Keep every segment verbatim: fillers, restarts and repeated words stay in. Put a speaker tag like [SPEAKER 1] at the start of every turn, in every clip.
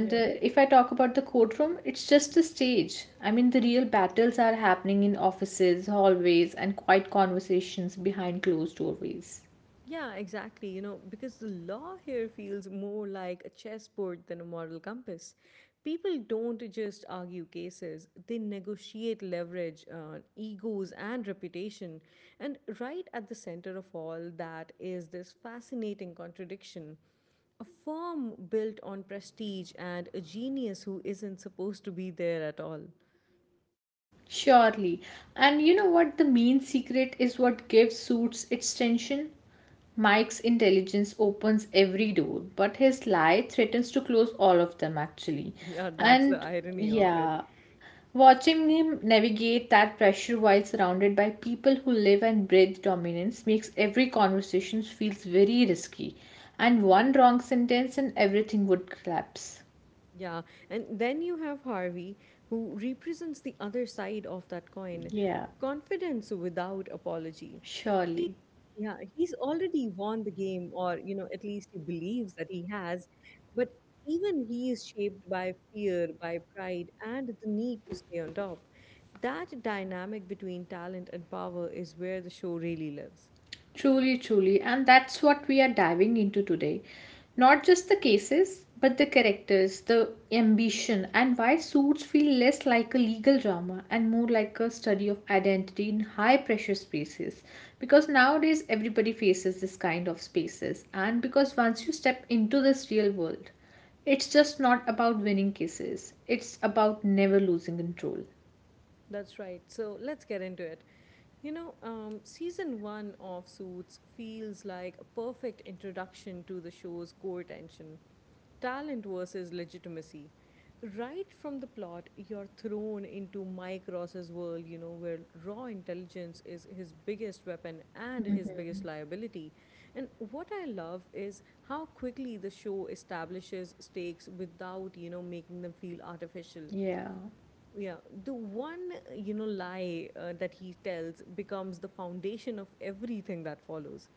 [SPEAKER 1] Yeah. Yeah, exactly. You know, because the law here feels more like a chessboard than a moral compass. People don't just argue cases, they negotiate leverage, uh, egos, and reputation. And right at the center of all that is this fascinating contradiction, a firm built on prestige and a genius who isn't supposed to be there at all. Yeah, that's the irony of it. Yeah, and then you have Harvey, who represents the other side of that coin, confidence without apology. He, yeah, he's already won the game, or, you know, at least he believes that he has. But even he is shaped by fear, by pride, and the need to stay on top. That dynamic between talent and power is where the show really lives. That's right. So let's get into it. You know, um, season one of Suits feels like a perfect introduction to the show's core tension, talent versus legitimacy. Right from the plot, you're thrown into Mike Ross's world, you know, where raw intelligence is his biggest weapon and his biggest liability. And what I love is how quickly the show establishes stakes without, you know, making them feel artificial. Yeah, the one, you know, lie uh, that he tells becomes the foundation of everything that follows.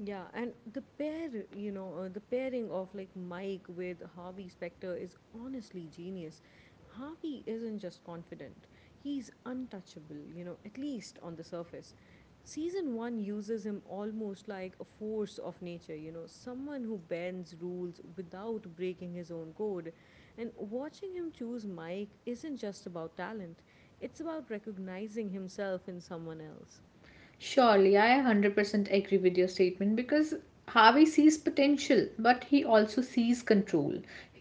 [SPEAKER 1] Yeah, and the pair, you know, uh, the pairing of like Mike with Harvey Specter is honestly genius. Harvey isn't just confident, he's untouchable, you know, at least on the surface. Season one uses him almost like a force of nature, you know, someone who bends rules without breaking his own code. And watching him choose Mike isn't just about talent, it's about recognizing himself in someone else.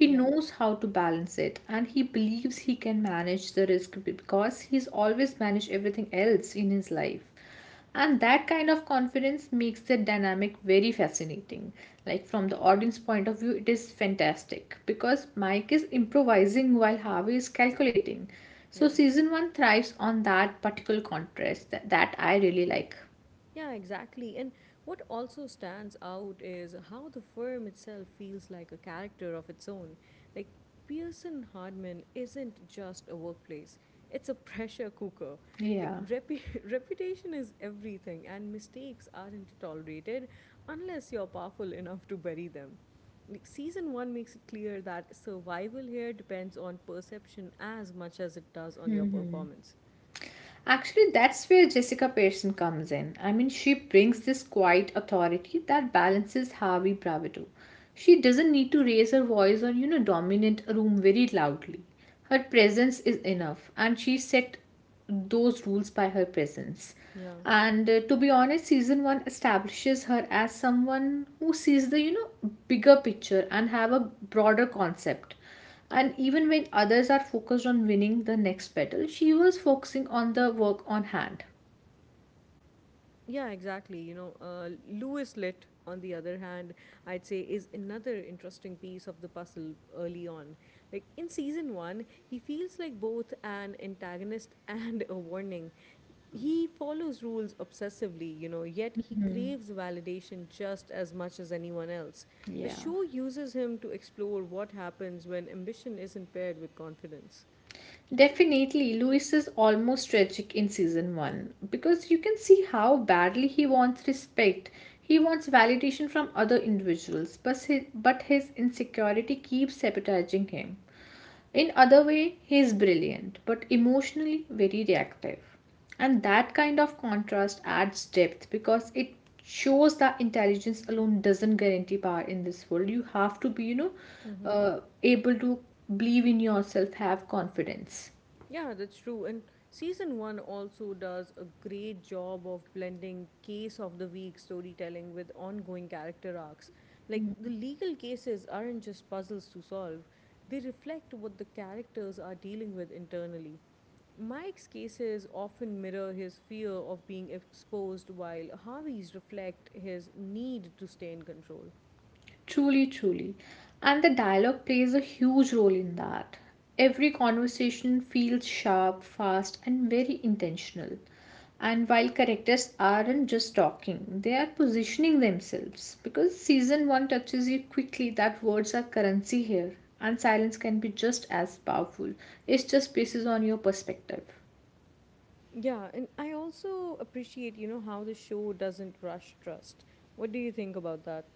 [SPEAKER 1] Yeah, yeah. Yeah, exactly. And what also stands out is how the firm itself feels like a character of its own. Like, Pearson Hardman isn't just a workplace, it's a pressure cooker. Like, repu- reputation is everything, and mistakes aren't tolerated unless you're powerful enough to bury them. Like, Season one makes it clear that survival here depends on perception as much as it does on your performance. Yeah. Yeah, exactly. You know, uh, Lewis Lit, on the other hand, I'd say is another interesting piece of the puzzle early on. Like, in season one, he feels like both an antagonist and a warning. He follows rules obsessively, you know, yet he craves validation just as much as anyone else. The show uses him to explore what happens when ambition isn't paired with confidence. Yeah, that's true. And season one also does a great job of blending case of the week storytelling with ongoing character arcs. Like, the legal cases aren't just puzzles to solve, they reflect what the characters are dealing with internally. Mike's cases often mirror his fear of being exposed, while Harvey's reflect his need to stay in control. Yeah, and I also appreciate, you know, how the show doesn't rush trust. What do you think about that?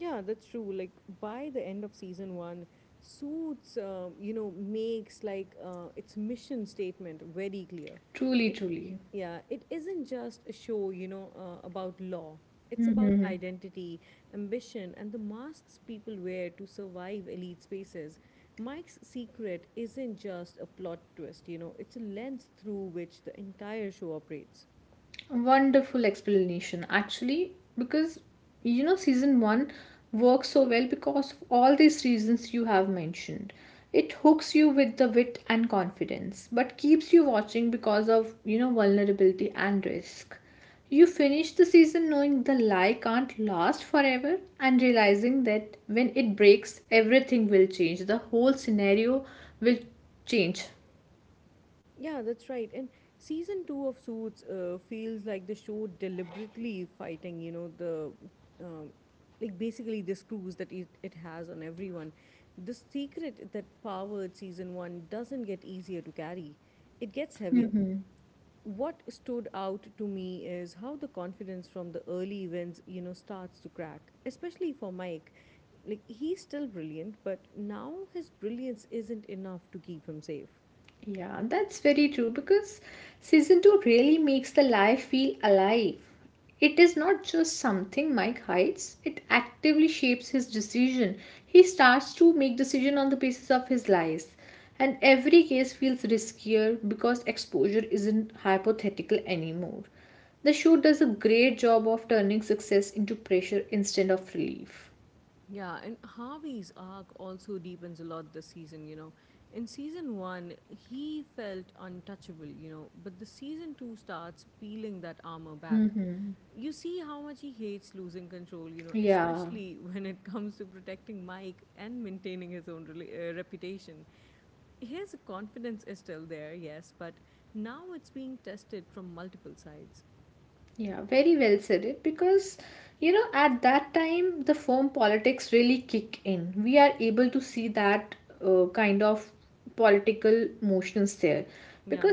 [SPEAKER 1] Yeah, that's true. Like, by the end of season one, Suits, um, you know, makes like uh, its mission statement very clear. It, yeah, it isn't just a show, you know, uh, about law. It's about identity, ambition, and the masks people wear to survive elite spaces. Mike's secret isn't just a plot twist, you know, it's a lens through which the entire show operates. Yeah, that's right. And season two of Suits uh, feels like the show deliberately fighting, you know, the um, like basically the screws that it, it has on everyone. The secret that powered season one doesn't get easier to carry, it gets heavier. What stood out to me is how the confidence from the early events, you know, starts to crack, especially for Mike. Like, he's still brilliant, but now his brilliance isn't enough to keep him safe. Yeah, and Harvey's arc also deepens a lot this season, you know. In season one, he felt untouchable, you know, but the season two starts peeling that armor back. You see how much he hates losing control, you know, especially when it comes to protecting Mike and maintaining his own rela- uh, reputation. His confidence is still there, yes, but now it's being tested from multiple sides. Yeah.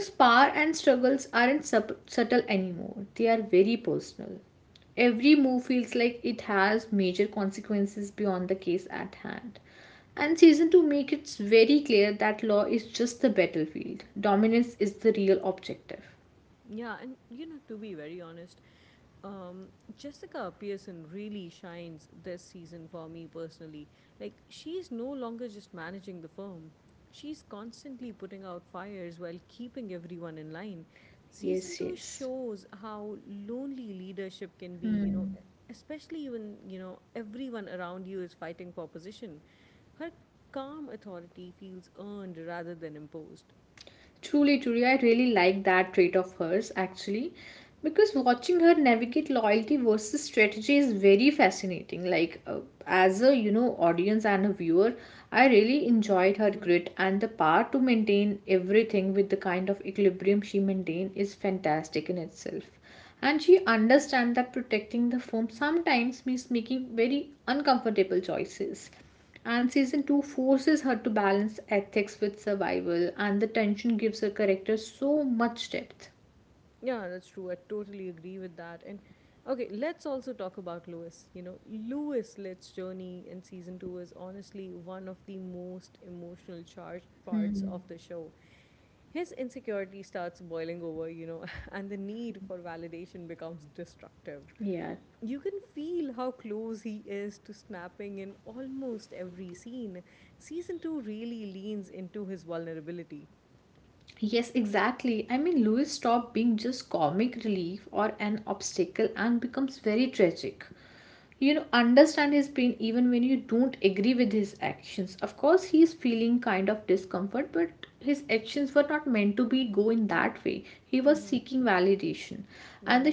[SPEAKER 1] Yeah, and you know, to be very honest, um, Jessica Pearson really shines this season for me personally. Like, she's no longer just managing the firm, she's constantly putting out fires while keeping everyone in line. Season two shows how lonely leadership can be, you know, especially when, you know, everyone around you is fighting for position. Her calm authority feels earned rather than imposed. Yeah, that's true. I totally agree with that. And okay, let's also talk about Lewis. You know, Lewis Litt's journey in season two is honestly one of the most emotional charged parts of the show. His insecurity starts boiling over, you know, and the need for validation becomes destructive. You can feel how close he is to snapping in almost every scene. Season two really leans into his vulnerability. Mm-hmm. Yeah.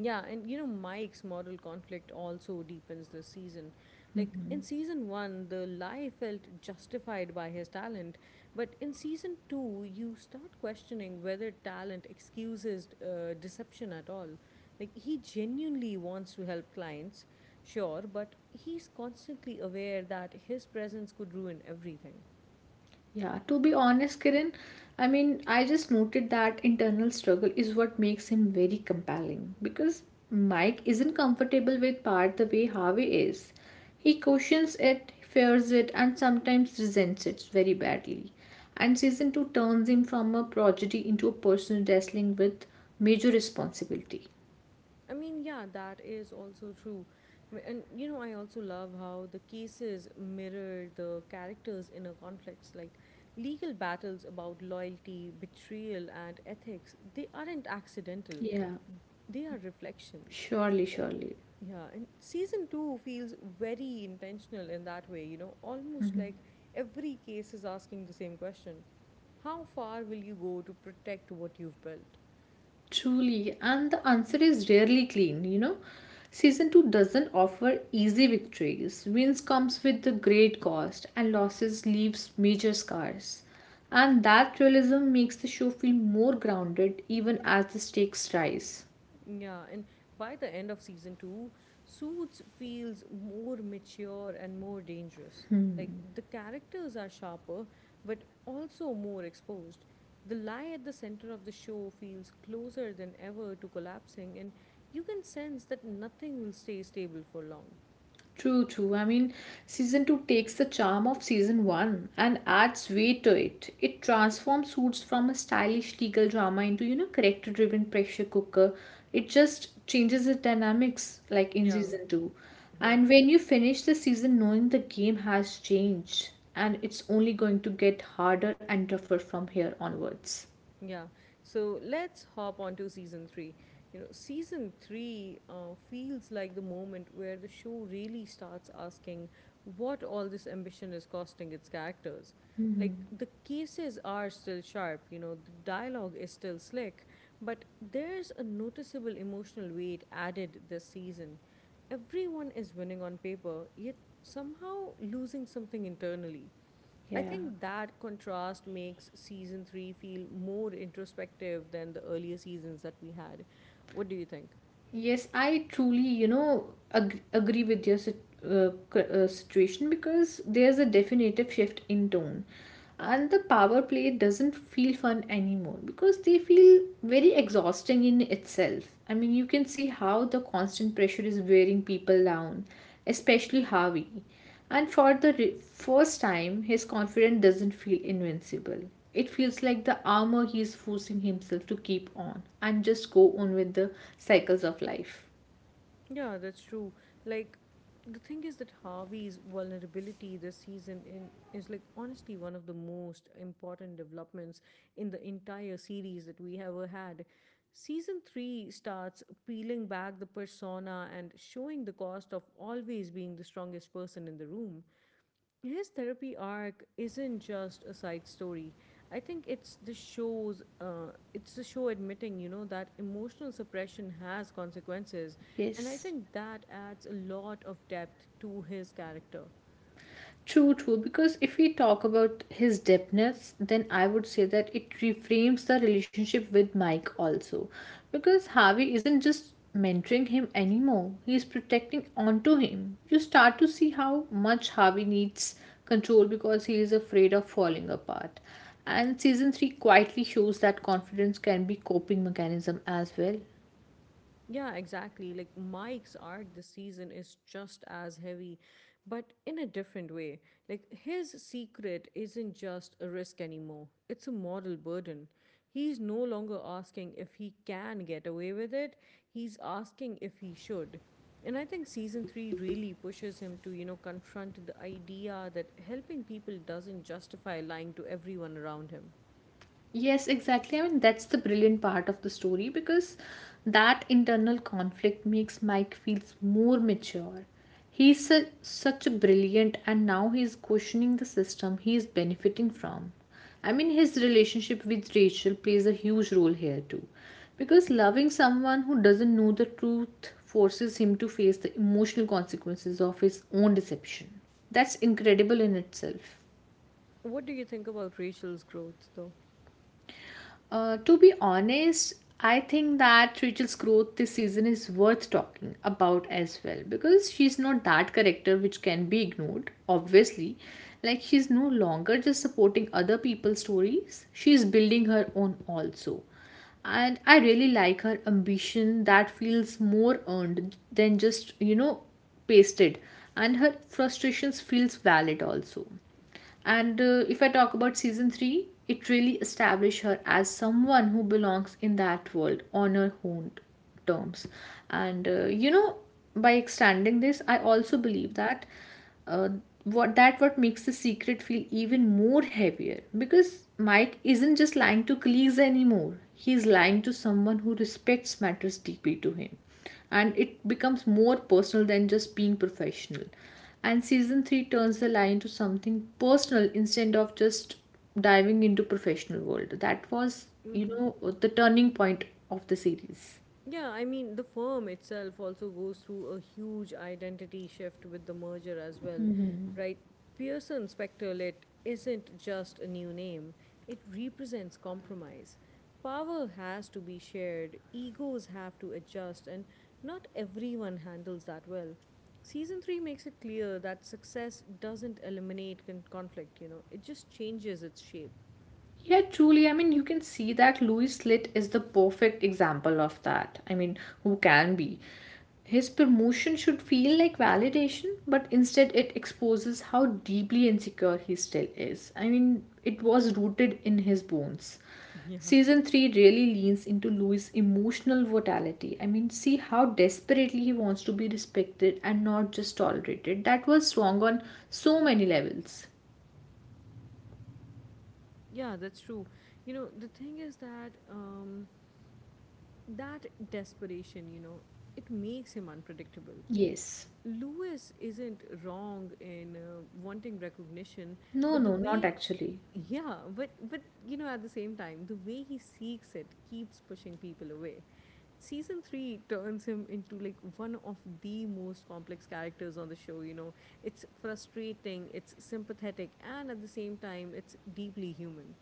[SPEAKER 1] Yeah, and you know, Mike's moral conflict also deepens this season. Like in season one, the lie felt justified by his talent, but in season two, you start questioning whether talent excuses uh, deception at all. Like, he genuinely wants to help clients, sure, but he's constantly aware that his presence could ruin everything. I mean, yeah, that is also true. W- And, you know, I also love how the cases mirror the characters inner conflicts. Like, legal battles about loyalty, betrayal, and ethics, they aren't accidental, they are reflections. And yeah, and season two feels very intentional in that way, you know, almost like every case is asking the same question: how far will you go to protect what you've built? Yeah, and by the end of season two, Suits feels more mature and more dangerous. Like, the characters are sharper, but also more exposed. The lie at the center of the show feels closer than ever to collapsing, and you can sense that nothing will stay stable for long. Yeah, yeah. Yeah. So let's hop on to season three. You know, season three uh, feels like the moment where the show really starts asking what all this ambition is costing its characters. Like, the cases are still sharp, you know, the dialogue is still slick, but there's a noticeable emotional weight added this season. Everyone is winning on paper, yet somehow losing something internally. I think that contrast makes season three feel more introspective than the earlier seasons that we had. What do you think? Yeah, that's true. Like, the thing is that Harvey's vulnerability this season in is like honestly one of the most important developments in the entire series that we ever had. Season three starts peeling back the persona and showing the cost of always being the strongest person in the room. His therapy arc isn't just a side story. I think it's the show's, uh, it's the show admitting, you know, that emotional suppression has consequences. And I think that adds a lot of depth to his character. Yeah, exactly. Like, Mike's arc this season is just as heavy, but in a different way. Like, his secret isn't just a risk anymore, it's a moral burden. He's no longer asking if he can get away with it, he's asking if he should. And I think season three really pushes him to, you know, confront the idea that helping people doesn't justify lying to everyone around him. What do you think about Rachel's growth, though? Yeah, I mean, the firm itself also goes through a huge identity shift with the merger as well, right? Pearson Spectorlit isn't just a new name, it represents compromise. Power has to be shared, egos have to adjust, and not everyone handles that well. Season three makes it clear that success doesn't eliminate con- conflict, you know, it just changes its shape. Yeah. Yeah, that's true. You know, the thing is that um, that desperation, you know, it makes him unpredictable. Lewis isn't wrong in uh, wanting recognition, but the way, yeah, but but you know, at the same time, the way he seeks it keeps pushing people away. Season three turns him into like one of the most complex characters on the show. You know, it's frustrating, it's sympathetic, and at the same time, it's deeply human.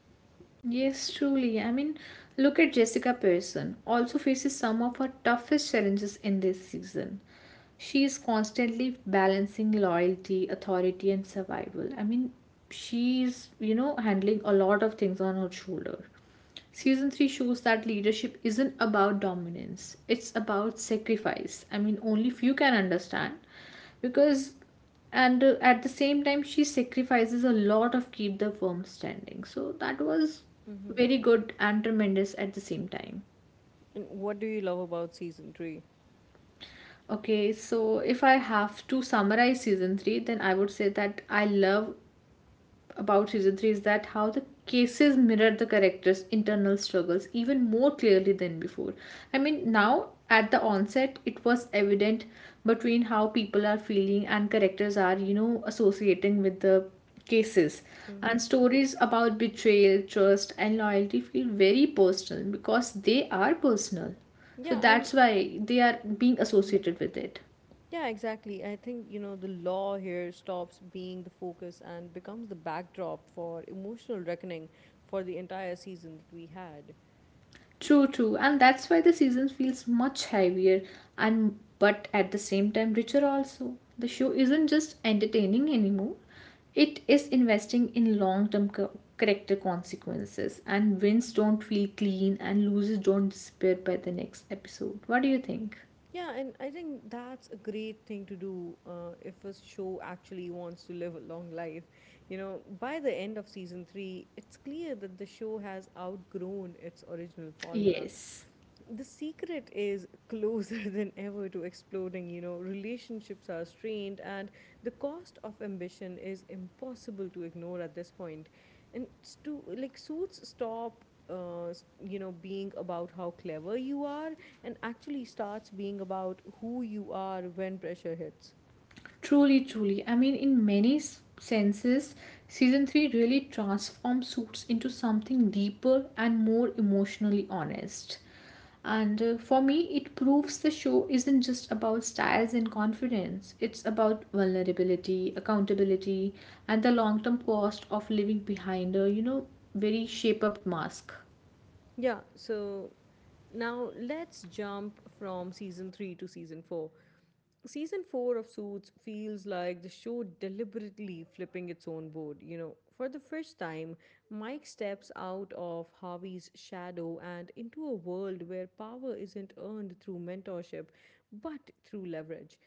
[SPEAKER 1] Mm-hmm. And what do you love about season three? Mm-hmm. Yeah, I'm hmm Yeah, exactly. I think, you know, the law here stops being the focus and becomes the backdrop for emotional reckoning for the entire season that we had. Yeah, and I think that's a great thing to do uh, if a show actually wants to live a long life. You know, by the end of season three, it's clear that the show has outgrown its original formula. The secret is closer than ever to exploding. You know, relationships are strained, and the cost of ambition is impossible to ignore at this point. And stu- like suits stop uh, you know being about how clever you are and actually starts being about who you are when pressure hits, yeah. So now let's jump from season three to season four. Season four of Suits feels like the show deliberately flipping its own board, you know. For the first time, Mike steps out of Harvey's shadow and into a world where power isn't earned through mentorship, but through leverage.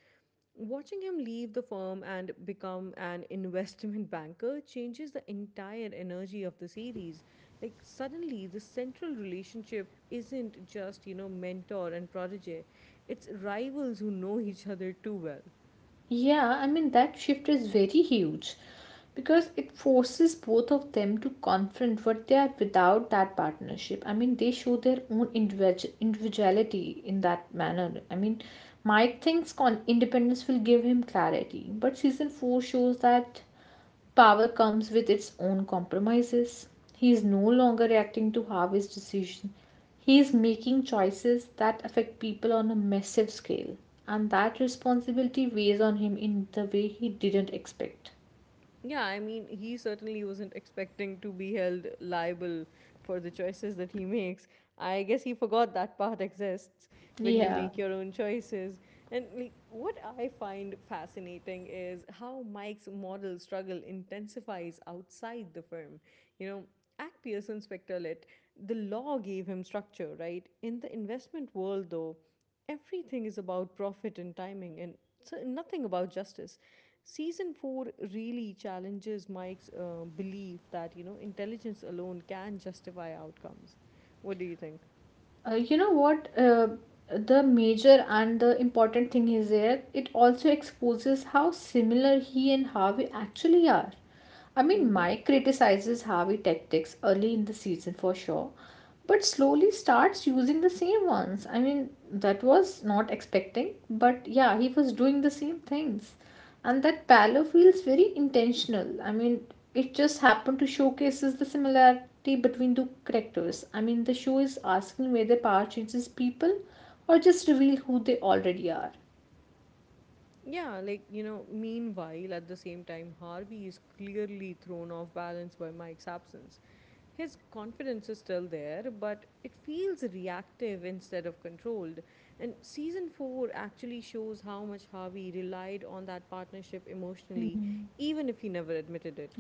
[SPEAKER 1] Watching him leave the firm and become an investment banker changes the entire energy of the series. Like, suddenly, the central relationship isn't just, you know, mentor and protege, it's rivals who know each other too well. Yeah, I mean, he certainly wasn't expecting to be held liable for the choices that he makes. I guess he forgot that part exists when you make your own choices. And like, what I find fascinating is how Mike's model struggle intensifies outside the firm. You know, at Pearson Spectorlet, the law gave him structure, right? In the investment world, though, everything is about profit and timing and so nothing about justice. Season four really challenges Mike's uh, belief that, you know, intelligence alone can justify outcomes. What do you think? Mm-hmm. Yeah, like, you know, meanwhile, at the same time, Harvey is clearly thrown off balance by Mike's absence. His confidence is still there, but it feels reactive instead of controlled. And season four actually shows how much Harvey relied on that partnership emotionally, even if he never admitted it.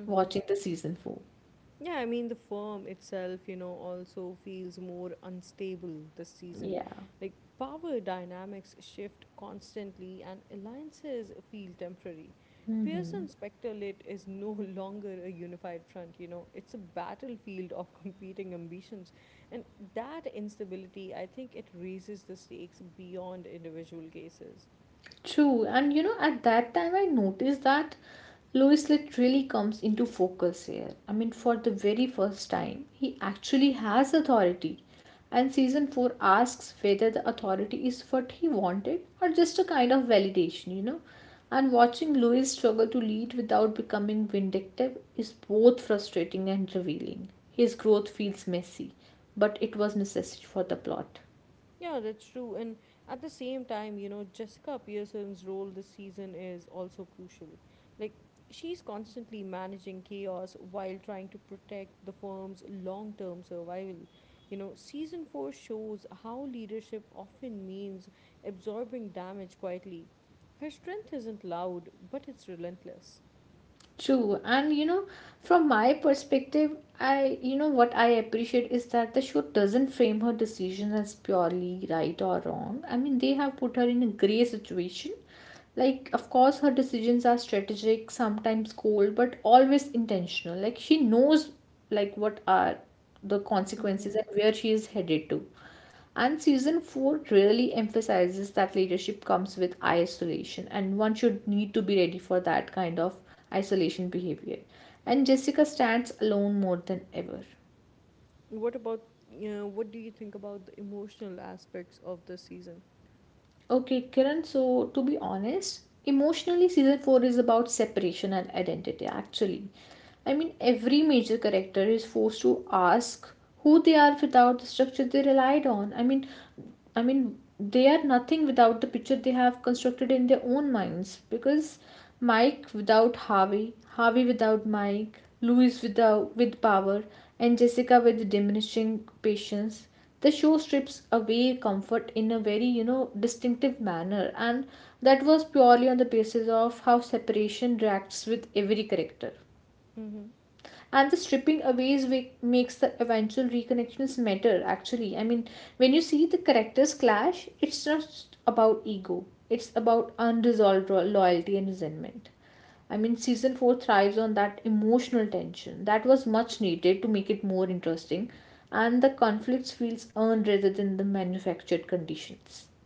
[SPEAKER 1] Mm-hmm. Yeah, I mean, the firm itself, you know, also feels more unstable this season. Like, power dynamics shift constantly and alliances feel temporary. Pearson Spectre Lit is no longer a unified front, you know, it's a battlefield of competing ambitions. And that instability, I think it raises the stakes beyond individual cases. Yeah, that's true. And at the same time, you know, Jessica Pearson's role this season is also crucial. Like, she's constantly managing chaos while trying to protect the firm's long term survival. You know, season four shows how leadership often means absorbing damage quietly. Her strength isn't loud, but it's relentless. Mm-hmm. What about, you know, what do you think about the emotional aspects of this season? Mm-hmm.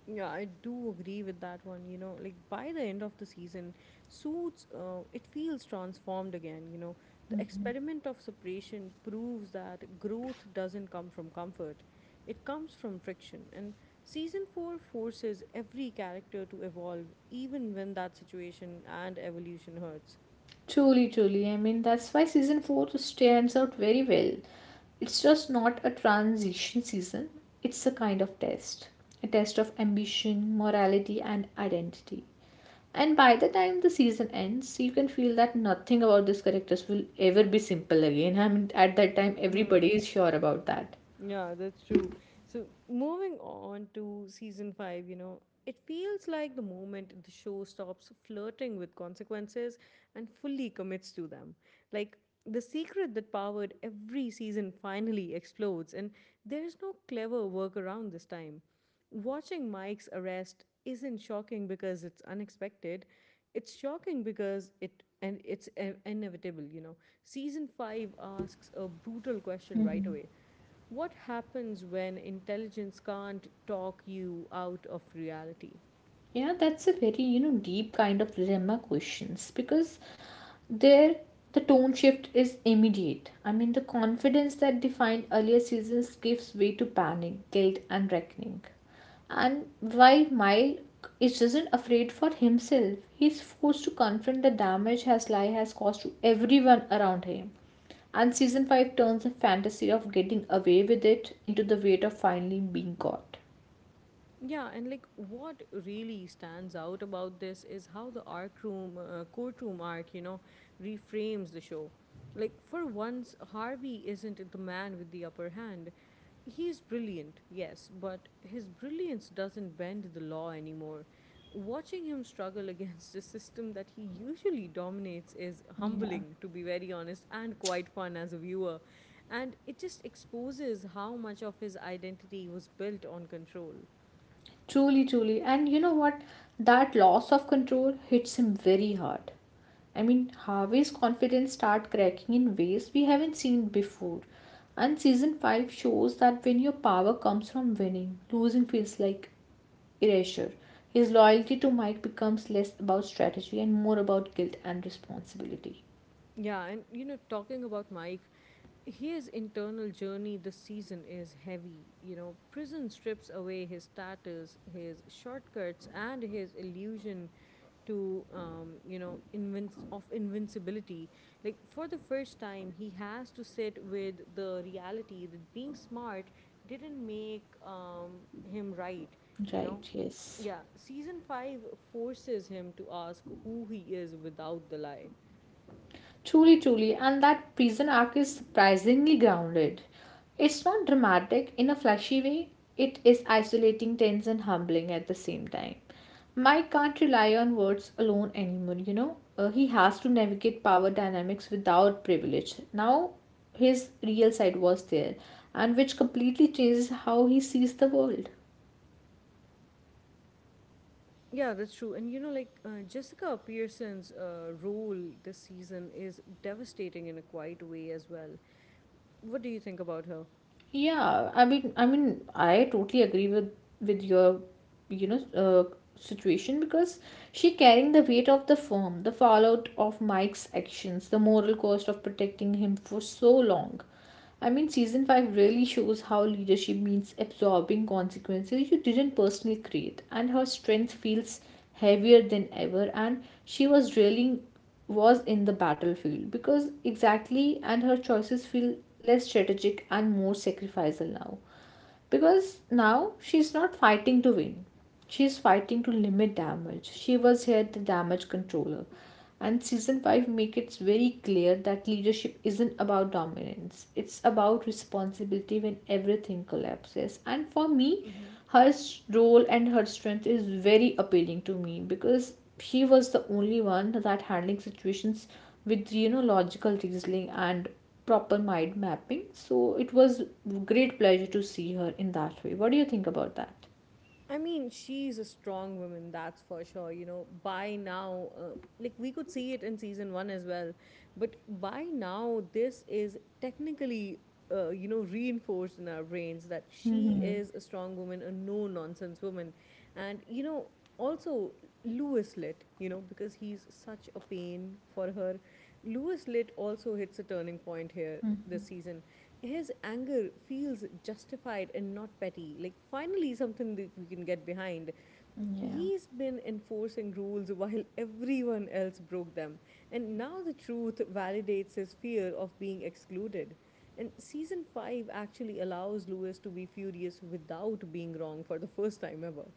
[SPEAKER 1] Yeah, I do agree with that one. You know, like by the end of the season, Suits, uh, it feels transformed again. You know, the experiment of separation proves that growth doesn't come from comfort, it comes from friction. And season four forces every character to evolve, even when that situation and evolution hurts. Hmm. Yeah, that's true. So, moving on to season five, you know, it feels like the moment the show stops flirting with consequences and fully commits to them. Like, the secret that powered every season finally explodes, and there's no clever workaround this time. Watching Mike's arrest isn't shocking because it's unexpected. It's shocking because it and it's I- inevitable, you know. Season five asks a brutal question right away. What happens when intelligence can't talk you out of reality? Yeah, and like what really stands out about this is how the arc room, uh, courtroom arc, you know, reframes the show. Like, for once, Harvey isn't the man with the upper hand. He's brilliant, yes, but his brilliance doesn't bend the law anymore. Watching him struggle against a system that he usually dominates is humbling, to be very honest, and quite fun as a viewer. And it just exposes how much of his identity was built on control. Yeah, and you know, talking about Mike, his internal journey this season is heavy. You know, prison strips away his status, his shortcuts, and his illusion to um, you know invinc- of invincibility. Like for the first time, he has to sit with the reality that being smart didn't make um, him right. You know, yeah, season five forces him to ask who he is without the lie. Yeah, that's true. And you know, like uh, Jessica Pearson's uh, role this season is devastating in a quiet way as well. What do you think about her? Hmm. I mean, she's a strong woman, that's for sure. You know, by now, uh, like we could see it in season one as well, but by now, this is technically, uh, you know, reinforced in our brains that she is a strong woman, a no nonsense woman. And, you know, also Lewis Litt, you know, because he's such a pain for her. Lewis Litt also hits a turning point here this season. His anger feels justified and not petty. Like finally something that we can get behind. He's been enforcing rules while everyone else broke them, and now the truth validates his fear of being excluded. And season five actually allows Lewis to be furious without being wrong for the first time ever.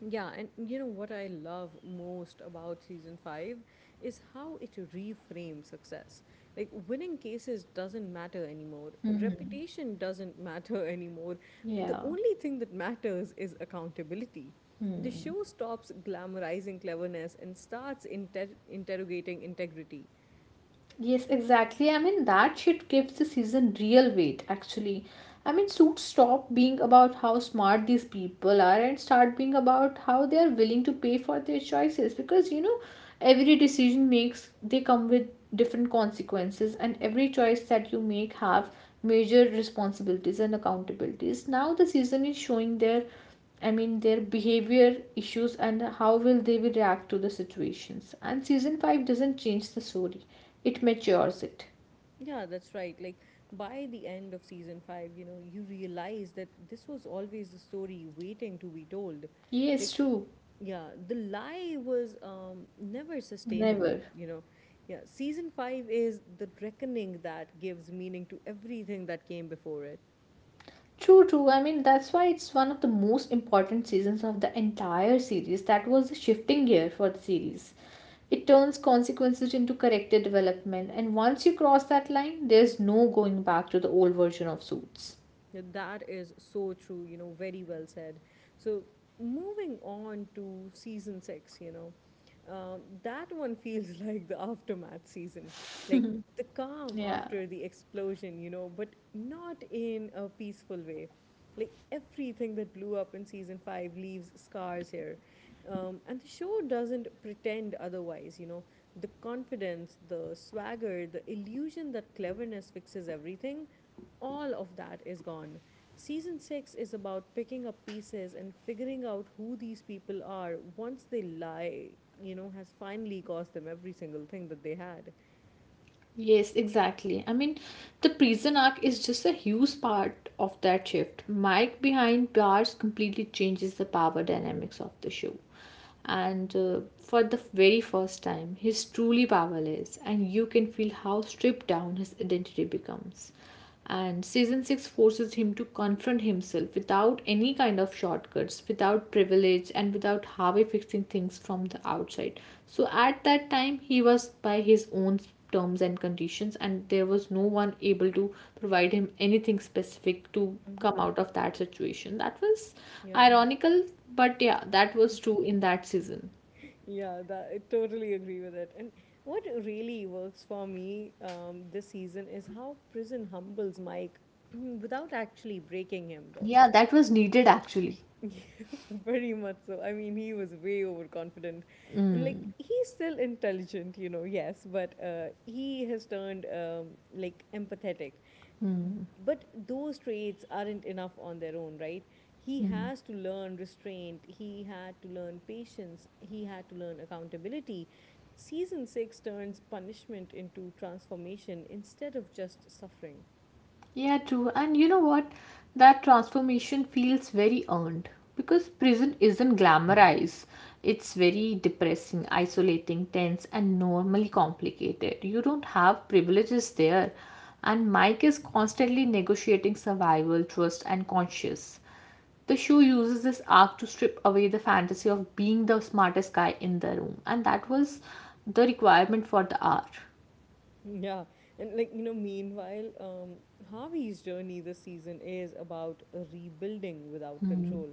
[SPEAKER 1] Yeah, and you know what I love most about season five is how it reframes success. Like, winning cases doesn't matter anymore, reputation doesn't matter anymore. The only thing that matters is accountability. The show stops glamorizing cleverness and starts inter- interrogating integrity. Yeah, that's right. Like by the end of season five, you know, you realize that this was always the story waiting to be told. Like, yeah, the lie was um, never sustainable, you know. Yeah, season five is the reckoning that gives meaning to everything that came before it. Yeah, that is so true, you know, very well said. So, moving on to season six, you know, um, that one feels like the aftermath season, like the calm after the explosion, you know, but not in a peaceful way. Like everything that blew up in season five leaves scars here. Um, and the show doesn't pretend otherwise, you know. The confidence, the swagger, the illusion that cleverness fixes everything, all of that is gone. Season six is about picking up pieces and figuring out who these people are once they lie, you know, has finally cost them every single thing that they had. Hmm. Yeah. Yeah, that, I totally agree with it. And what really works for me um, this season is how prison humbles Mike without actually breaking him, though. Very much so. I mean, he was way overconfident. And like, he's still intelligent, you know, yes, but uh, he has turned um, like empathetic. But those traits aren't enough on their own, right? He has to learn restraint, he had to learn patience, he had to learn accountability. Season six turns punishment into transformation instead of just suffering. Yeah, and like you know, meanwhile, um, Harvey's journey this season is about rebuilding without control.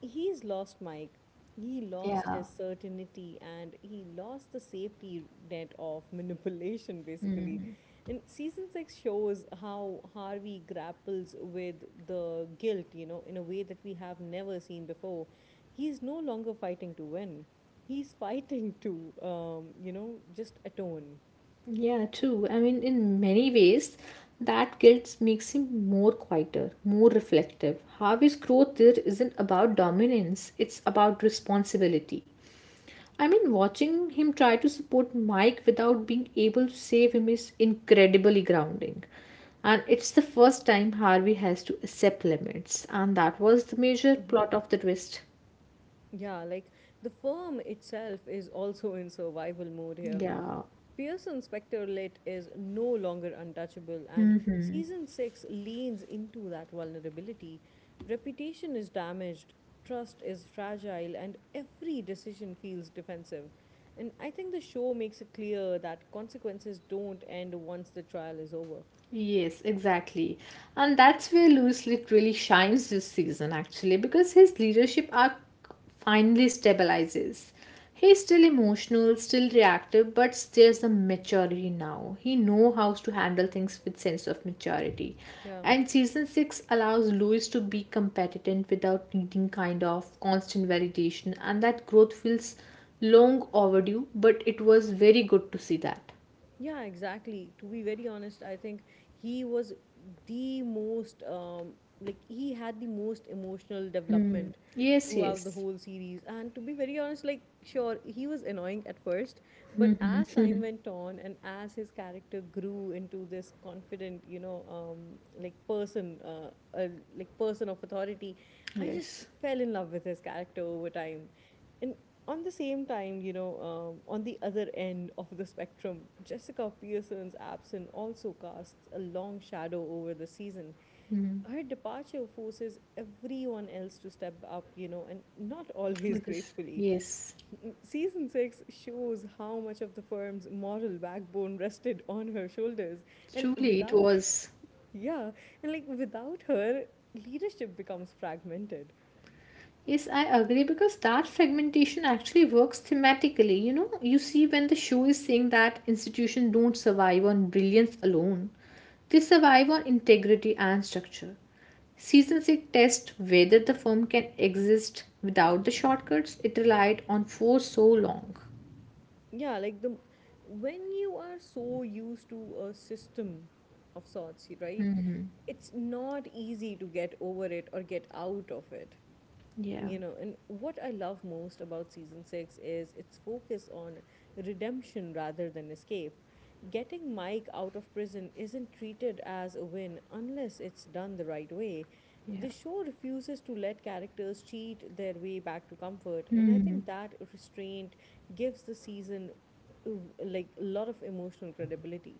[SPEAKER 1] He's lost Mike, he lost his certainty, and he lost the safety net of manipulation, basically. And season six shows how Harvey grapples with the guilt, you know, in a way that we have never seen before. He's no longer fighting to win, he's fighting to, um, you know, just atone. Mhm. Yeah, like the firm itself is also in survival mode here. Pearson Spectre-Lit is no longer untouchable, and season six leans into that vulnerability. Reputation is damaged, trust is fragile, and every decision feels defensive. And I think the show makes it clear that consequences don't end once the trial is over. Yeah. Yeah, exactly. To be very honest, I think he was the most, um, like, he had the most emotional development throughout the whole series. And to be very honest, like, sure, he was annoying at first, but as time went on and as his character grew into this confident, you know, um, like, person, uh, uh, like, person of authority, I just fell in love with his character over time. On the same time, you know, um, on the other end of the spectrum, Jessica Pearson's absence also casts a long shadow over the season. Her departure forces everyone else to step up, you know, and not always gracefully. Season six shows how much of the firm's moral backbone rested on her shoulders, and without, yeah, and like without her, leadership becomes fragmented. Yeah like the When you are so used to a system of sorts, right, it's not easy to get over it or get out of it, you know. And what I love most about season six is its focus on redemption rather than escape. Getting Mike out of prison isn't treated as a win unless it's done the right way. The show refuses to let characters cheat their way back to comfort, and I think that restraint gives the season uh, like a lot of emotional credibility.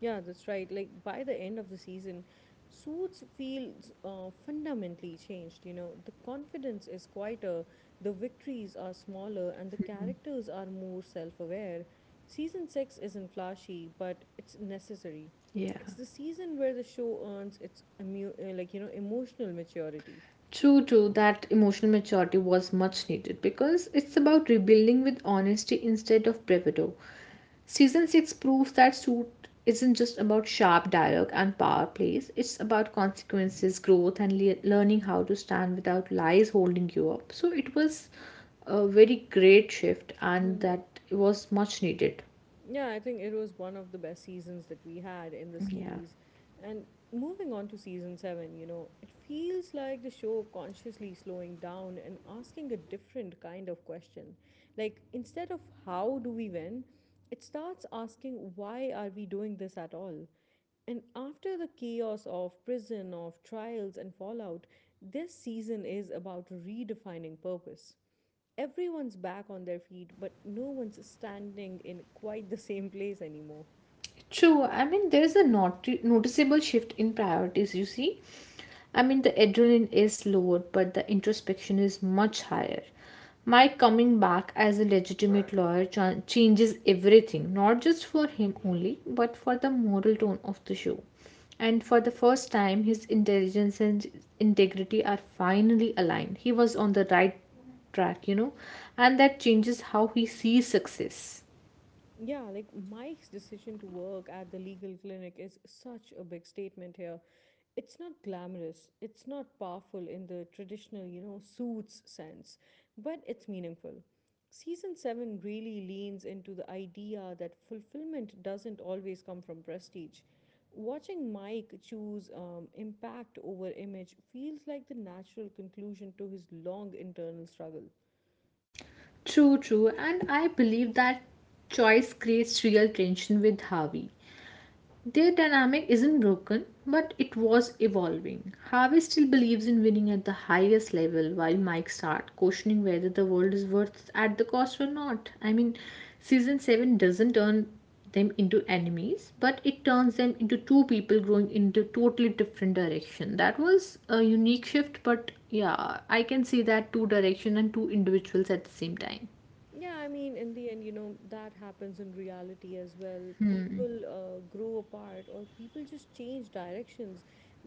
[SPEAKER 1] Yeah, that's right. Like, by the end of the season, Suits feels uh, fundamentally changed. You know, the confidence is quieter, the victories are smaller, and the characters are more self aware. Season six isn't flashy, but it's necessary. It's the season where the show earns its emu- uh, like, you know, emotional maturity. Yeah, I think it was one of the best seasons that we had in the series. And moving on to season seven, you know, it feels like the show consciously slowing down and asking a different kind of question. Like, instead of how do we win, it starts asking why are we doing this at all? And after the chaos of prison, of trials, and fallout, this season is about redefining purpose. Everyone's back on their feet, but no one's standing in quite the same place anymore. Yeah, like, Mike's decision to work at the legal clinic is such a big statement here. It's not glamorous, it's not powerful in the traditional, you know, Suits sense, but it's meaningful. Season seven really leans into the idea that fulfillment doesn't always come from prestige. Watching Mike choose um, impact over image feels like the natural conclusion to his long internal struggle. Yeah, I mean, in the end, you know, that happens in reality as well. People uh, grow apart, or people just change directions.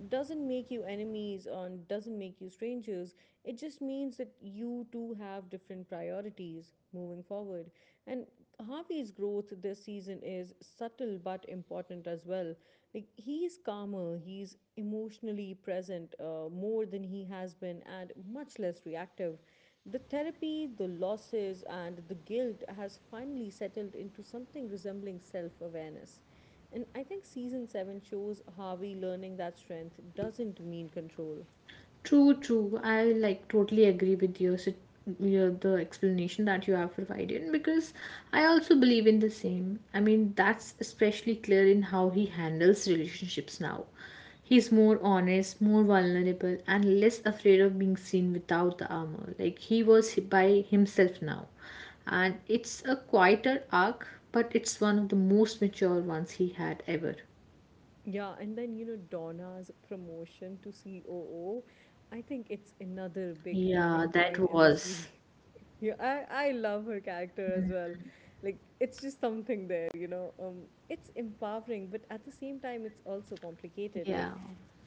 [SPEAKER 1] Doesn't make you enemies, and doesn't make you strangers. It just means that you two have different priorities moving forward. And Harvey's growth this season is subtle but important as well. Like, he's calmer, he's emotionally present uh, more than he has been, and much less reactive. The therapy, the losses, and the guilt has finally settled into something resembling self awareness. And I think season seven shows Harvey learning that strength doesn't mean control. Yeah, and then, you know, Donna's promotion to C O O, I think it's another big turning point in the series. Yeah, I I love her character as well. Like, it's just something there, you know. Um, it's empowering, but at the same time, it's also complicated. Like,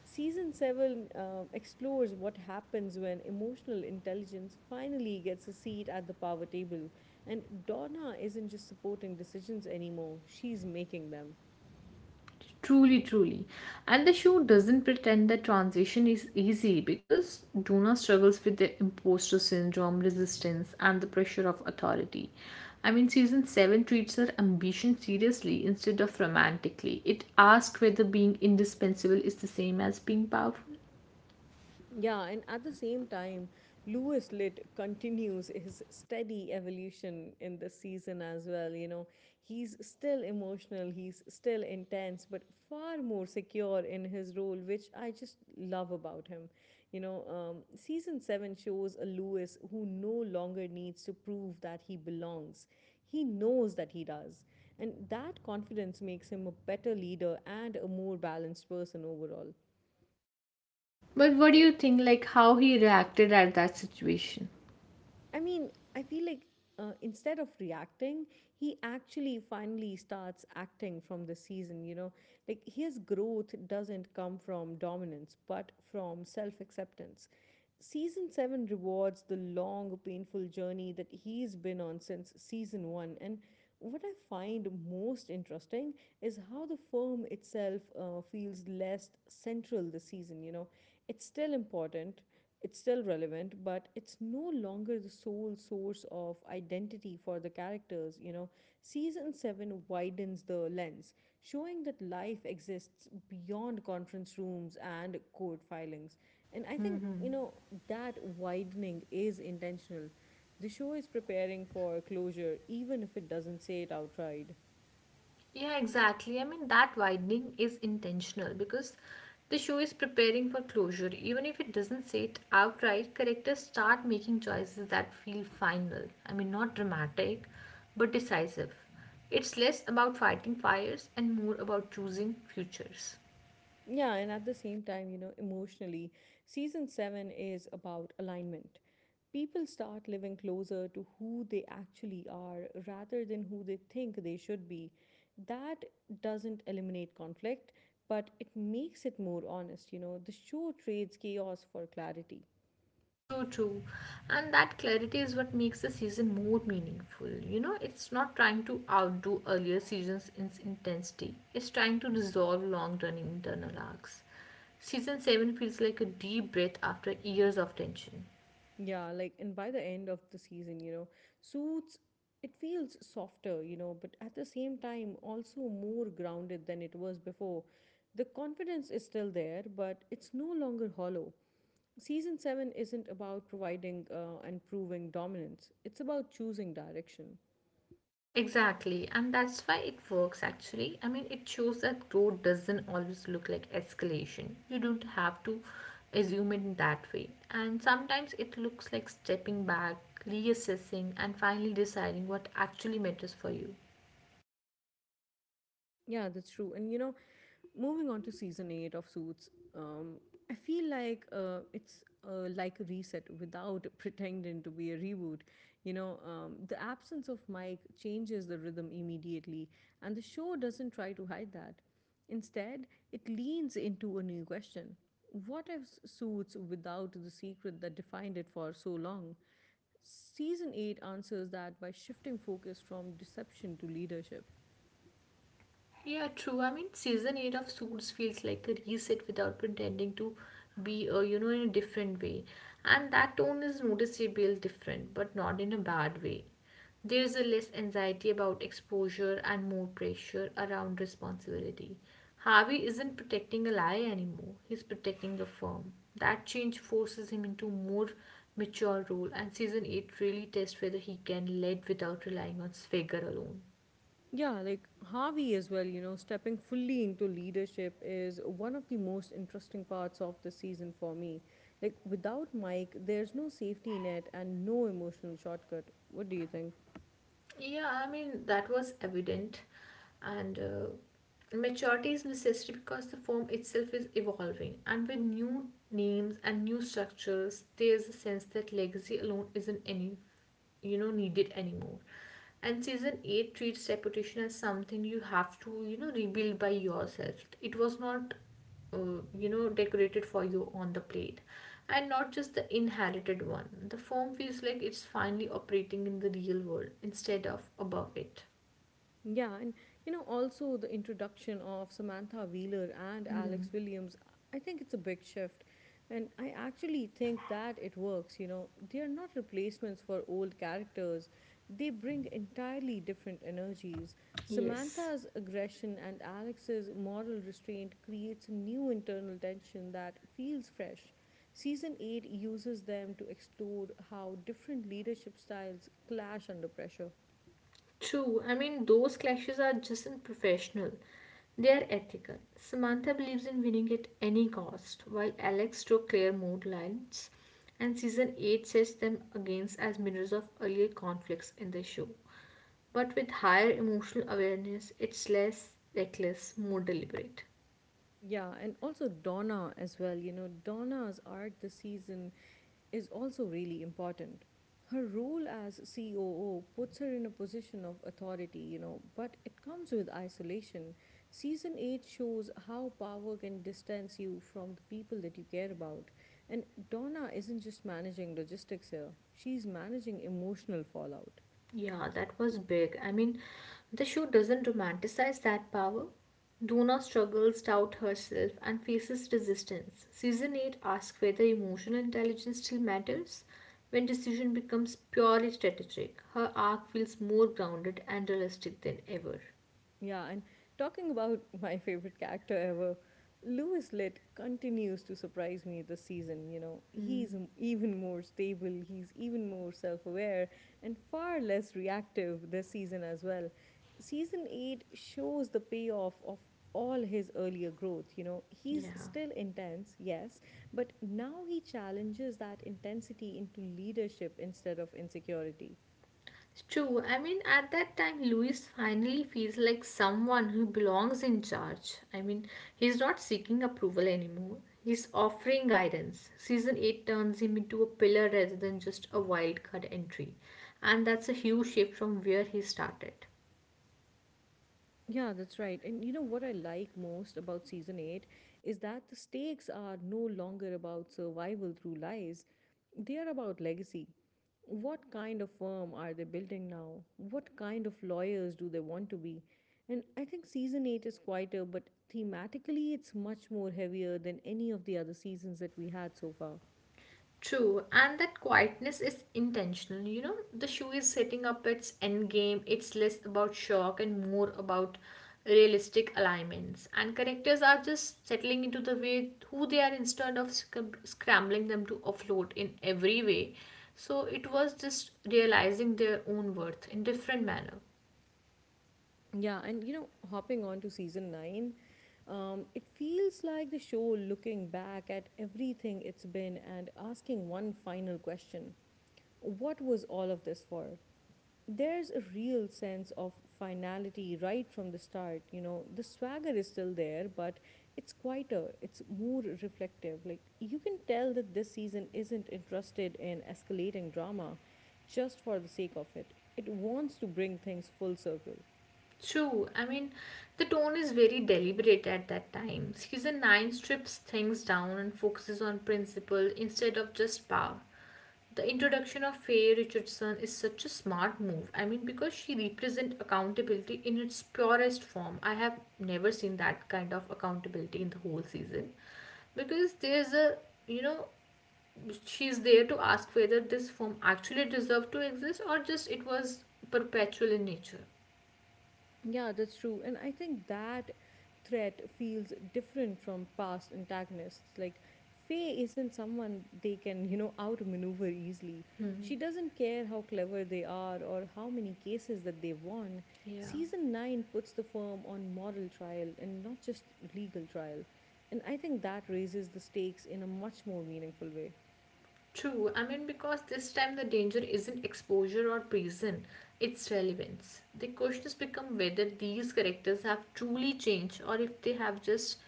[SPEAKER 1] season seven um, explores what happens when emotional intelligence finally gets a seat at the power table, and Donna isn't just supporting decisions anymore; she's making them. Yeah, and at the same time, Lewis Litt continues his steady evolution in this season as well. You know, he's still emotional, he's still intense, but far more secure in his role, which I just love about him. You know, um, season seven shows a Lewis who no longer needs to prove that he belongs. He knows that he does. And that confidence makes him a better leader and a more balanced person overall. I mean, I feel like uh, instead of reacting, he actually finally starts acting from this season, you know. Like, his growth doesn't come from dominance, but from self acceptance. Season seven rewards the long, painful journey that he's been on since season one. And what I find most interesting is how the firm itself uh, feels less central this season, you know. It's still important, it's still relevant, but it's no longer the sole source of identity for the characters. You know, season seven widens the lens, showing that life exists beyond conference rooms and court filings. And I think, you know, that widening is intentional. The show is preparing for closure, even if it doesn't say it outright.
[SPEAKER 2] Yeah, exactly. I mean, that widening is intentional because the show is preparing for closure. Even if it doesn't say it outright, characters start making choices that feel final. I mean, not dramatic, but decisive. It's less about fighting fires and more about choosing futures.
[SPEAKER 1] Yeah, and at the same time, you know, emotionally, season seven is about alignment. People start living closer to who they actually are rather than who they think they should be. That doesn't eliminate conflict, but it makes it more honest. You know, the show trades chaos for clarity.
[SPEAKER 2] True, true. And that clarity is what makes the season more meaningful. You know, it's not trying to outdo earlier seasons in its intensity, it's trying to resolve long running internal arcs. Season seven feels like a deep breath after years of tension.
[SPEAKER 1] Yeah, like, and by the end of the season, you know, Suits, it feels softer, you know, but at the same time, also more grounded than it was before. The confidence is still there, but it's no longer hollow. Season seven isn't about providing uh, and proving dominance, it's about choosing direction.
[SPEAKER 2] Exactly, and that's why it works actually. I mean, it shows that growth doesn't always look like escalation. You don't have to assume it that way. And sometimes it looks like stepping back, reassessing, and finally deciding what actually matters for you.
[SPEAKER 1] Yeah, that's true. And you know, moving on to season eight of Suits, um, I feel like uh, it's uh, like a reset without pretending to be a reboot. You know, um, the absence of Mike changes the rhythm immediately, and the show doesn't try to hide that. Instead, it leans into a new question: what if Suits without the secret that defined it for so long? Season eight answers that by shifting focus from deception to leadership.
[SPEAKER 2] Yeah, true. I mean, season eight of Suits feels like a reset without pretending to be, uh, you know, in a different way. And that tone is noticeably different, but not in a bad way. There's a less anxiety about exposure and more pressure around responsibility. Harvey isn't protecting a lie anymore, he's protecting the firm. That change forces him into more mature role, and season eight really tests whether he can lead without relying on swagger alone.
[SPEAKER 1] Yeah, like, Harvey as well, you know, stepping fully into leadership is one of the most interesting parts of the season for me. Like, without Mike, there's no safety net and no emotional shortcut. What do you think?
[SPEAKER 2] Yeah, I mean, that was evident. And uh, maturity is necessary because the form itself is evolving. And with new names and new structures, there's a sense that legacy alone isn't any, you know, needed anymore. And season eight treats reputation as something you have to, you know, rebuild by yourself. It was not uh, you know decorated for you on the plate, and not just the inherited one. The foam feels like it's finally operating in the real world instead of above it.
[SPEAKER 1] Yeah, and you know, also the introduction of Samantha Wheeler and Alex
[SPEAKER 2] Hmm.
[SPEAKER 1] Williams, I think it's a big shift. And I actually think that it works, you know. They are not replacements for old characters, they bring entirely different energies.
[SPEAKER 2] Yes.
[SPEAKER 1] Samantha's aggression and Alex's moral restraint creates a new internal tension that feels fresh. Season eight uses them to explore how different leadership styles clash under pressure.
[SPEAKER 2] True. I mean, those clashes are just in professional, they are ethical. Samantha believes in winning at any cost while Alex drew clear mood lines, and season eight sets them against as mirrors of earlier conflicts in the show. But with higher emotional awareness, it's less reckless, more deliberate.
[SPEAKER 1] Yeah, and also Donna as well. You know, Donna's arc this season is also really important. Her role as C O O puts her in a position of authority, you know, but it comes with isolation. Season eight shows how power can distance you from the people that you care about. And Donna isn't just managing logistics here, she's managing emotional fallout.
[SPEAKER 2] Yeah, that was big. I mean, the show doesn't romanticize that power. Donna struggles, doubt herself, and faces resistance. Season eight asks whether emotional intelligence still matters when decision becomes purely strategic. Her arc feels more grounded and realistic than ever.
[SPEAKER 1] Yeah, and talking about my favorite character ever, Lewis Litt continues to surprise me this season. You know, he's m- even more stable, he's even more self aware, and far less reactive this season as well. Season eight shows the payoff of all his earlier growth. You know, he's
[SPEAKER 2] Yeah.
[SPEAKER 1] still intense, yes, but now he challenges that intensity into leadership instead of insecurity.
[SPEAKER 2] It's true. I mean, at that time, Louis finally feels like someone who belongs in charge. I mean, he's not seeking approval anymore. He's offering guidance. Season eight turns him into a pillar rather than just a wildcard entry. And that's a huge shift from where he started.
[SPEAKER 1] Yeah, that's right. And you know what I like most about season eight is that the stakes are no longer about survival through lies, they are about legacy. What kind of firm are they building now? What kind of lawyers do they want to be? And I think season eight is quieter, but thematically it's much more heavier than any of the other seasons that we had so far.
[SPEAKER 2] True, and that quietness is intentional. You know, the show is setting up its end game. It's less about shock and more about realistic alignments. And characters are just settling into the way who they are instead of scram- scrambling them to afloat in every way. So it was just realizing their own worth in different manner.
[SPEAKER 1] Yeah, and you know, hopping on to season nine, um, it feels like the show looking back at everything it's been and asking one final question: what was all of this for? There's a real sense of finality right from the start. You know, the swagger is still there, but it's quieter, it's more reflective. Like, you can tell that this season isn't interested in escalating drama just for the sake of it, it wants to bring things full circle.
[SPEAKER 2] True. I mean, the tone is very deliberate at that time. Season nine strips things down and focuses on principle instead of just power. The introduction of Faye Richardson is such a smart move. I mean, because she represents accountability in its purest form. I have never seen that kind of accountability in the whole season. Because there's a, you know, she's there to ask whether this form actually deserved to exist or just it was perpetual in nature.
[SPEAKER 1] Yeah, that's true. And I think that threat feels different from past antagonists. Like, Faye isn't someone they can, you know, outmaneuver easily. She doesn't care how clever they are or how many cases that they've won.
[SPEAKER 2] Yeah.
[SPEAKER 1] Season nine puts the firm on moral trial and not just legal trial. And I think that raises the stakes in a much more meaningful way.
[SPEAKER 2] True, I mean, because this time the danger isn't exposure or prison, it's relevance. The question has become whether these characters have truly changed or if they have just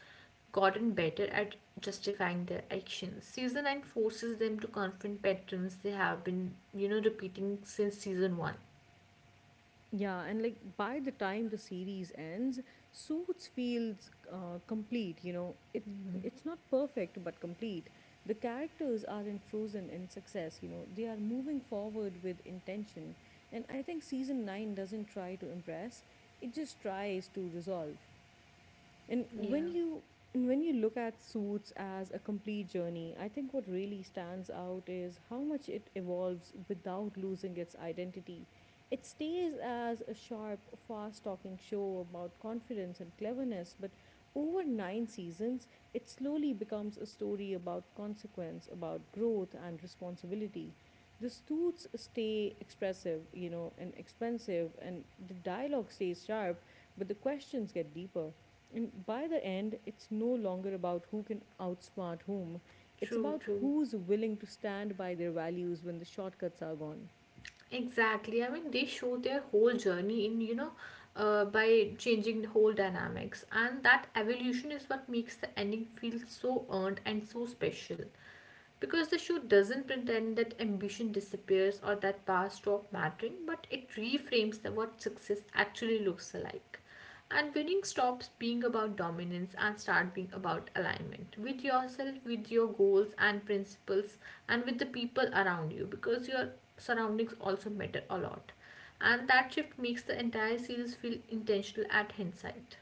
[SPEAKER 2] gotten better at justifying their actions. Season nine forces them to confront patterns they have been, you know, repeating since season one.
[SPEAKER 1] Yeah, and like, by the time the series ends, Suits feels uh, complete. You know, it it's not perfect but complete. The characters aren't frozen in success. You know, they are moving forward with intention, and I think season nine doesn't try to impress; it just tries to resolve. And
[SPEAKER 2] Yeah,
[SPEAKER 1] when you and when you look at Suits as a complete journey, I think what really stands out is how much it evolves without losing its identity. It stays as a sharp, fast talking show about confidence and cleverness, but over nine seasons, it slowly becomes a story about consequence, about growth and responsibility. The suits stay expressive, you know, and expensive, and the dialogue stays sharp, but the questions get deeper. And by the end, it's no longer about who can outsmart whom. It's
[SPEAKER 2] true,
[SPEAKER 1] about
[SPEAKER 2] true.
[SPEAKER 1] who's willing to stand by their values when the shortcuts are gone.
[SPEAKER 2] Exactly. I mean, they show their whole journey in, you know, uh, by changing the whole dynamics. And that evolution is what makes the ending feel so earned and so special. Because the show doesn't pretend that ambition disappears or that past stop mattering, but it reframes the, what success actually looks like. And winning stops being about dominance and start being about alignment with yourself, with your goals and principles, and with the people around you because your surroundings also matter a lot. And that shift makes the entire series feel intentional at hindsight.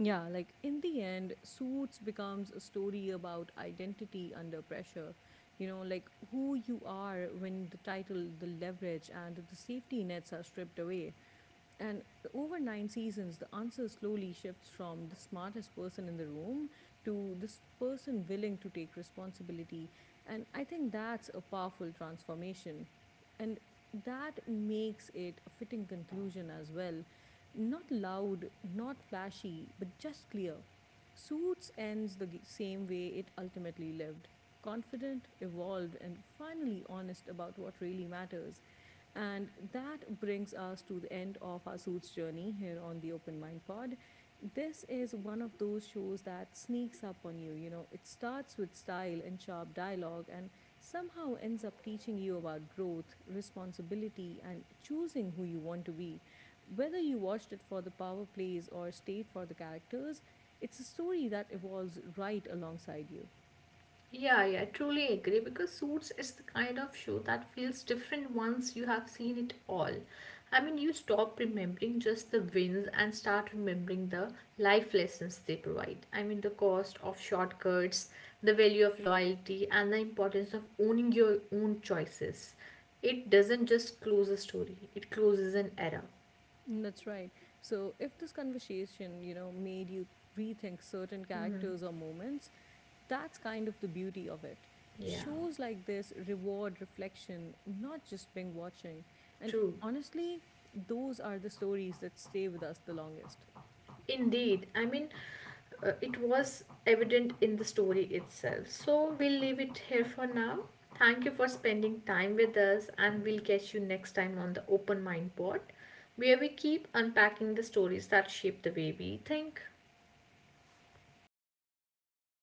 [SPEAKER 1] Yeah, like, in the end, Suits becomes a story about identity under pressure. You know, like, who you are when the title, the leverage, and the safety nets are stripped away. And over nine seasons, the answer slowly shifts from the smartest person in the room to this person willing to take responsibility. And I think that's a powerful transformation. And that makes it a fitting conclusion as well. Not loud, not flashy, but just clear. Suits ends the same way it ultimately lived: confident, evolved, and finally honest about what really matters. And that brings us to the end of our Suits journey here on the Open Mind Pod. This is one of those shows that sneaks up on you. You know, it starts with style and sharp dialogue and somehow ends up teaching you about growth, responsibility, and choosing who you want to be. Whether you watched it for the power plays or stayed for the characters, it's a story that evolves right alongside you.
[SPEAKER 2] Yeah, yeah, I truly agree because Suits is the kind of show that feels different once you have seen it all. I mean, you stop remembering just the wins and start remembering the life lessons they provide. I mean, the cost of shortcuts, the value of loyalty, and the importance of owning your own choices. It doesn't just close a story, it closes an era.
[SPEAKER 1] Mm, that's right. So, if this conversation, you know, made you rethink certain characters or moments, that's kind of the beauty of it.
[SPEAKER 2] Yeah,
[SPEAKER 1] Shows like this reward reflection, not just being watching. And
[SPEAKER 2] true.
[SPEAKER 1] honestly, those are the stories that stay with us the longest.
[SPEAKER 2] Indeed, I mean, uh, it was evident in the story itself. So we'll leave it here for now. Thank you for spending time with us, and we'll catch you next time on the Open Mind Pod, where we keep unpacking the stories that shape the way we think.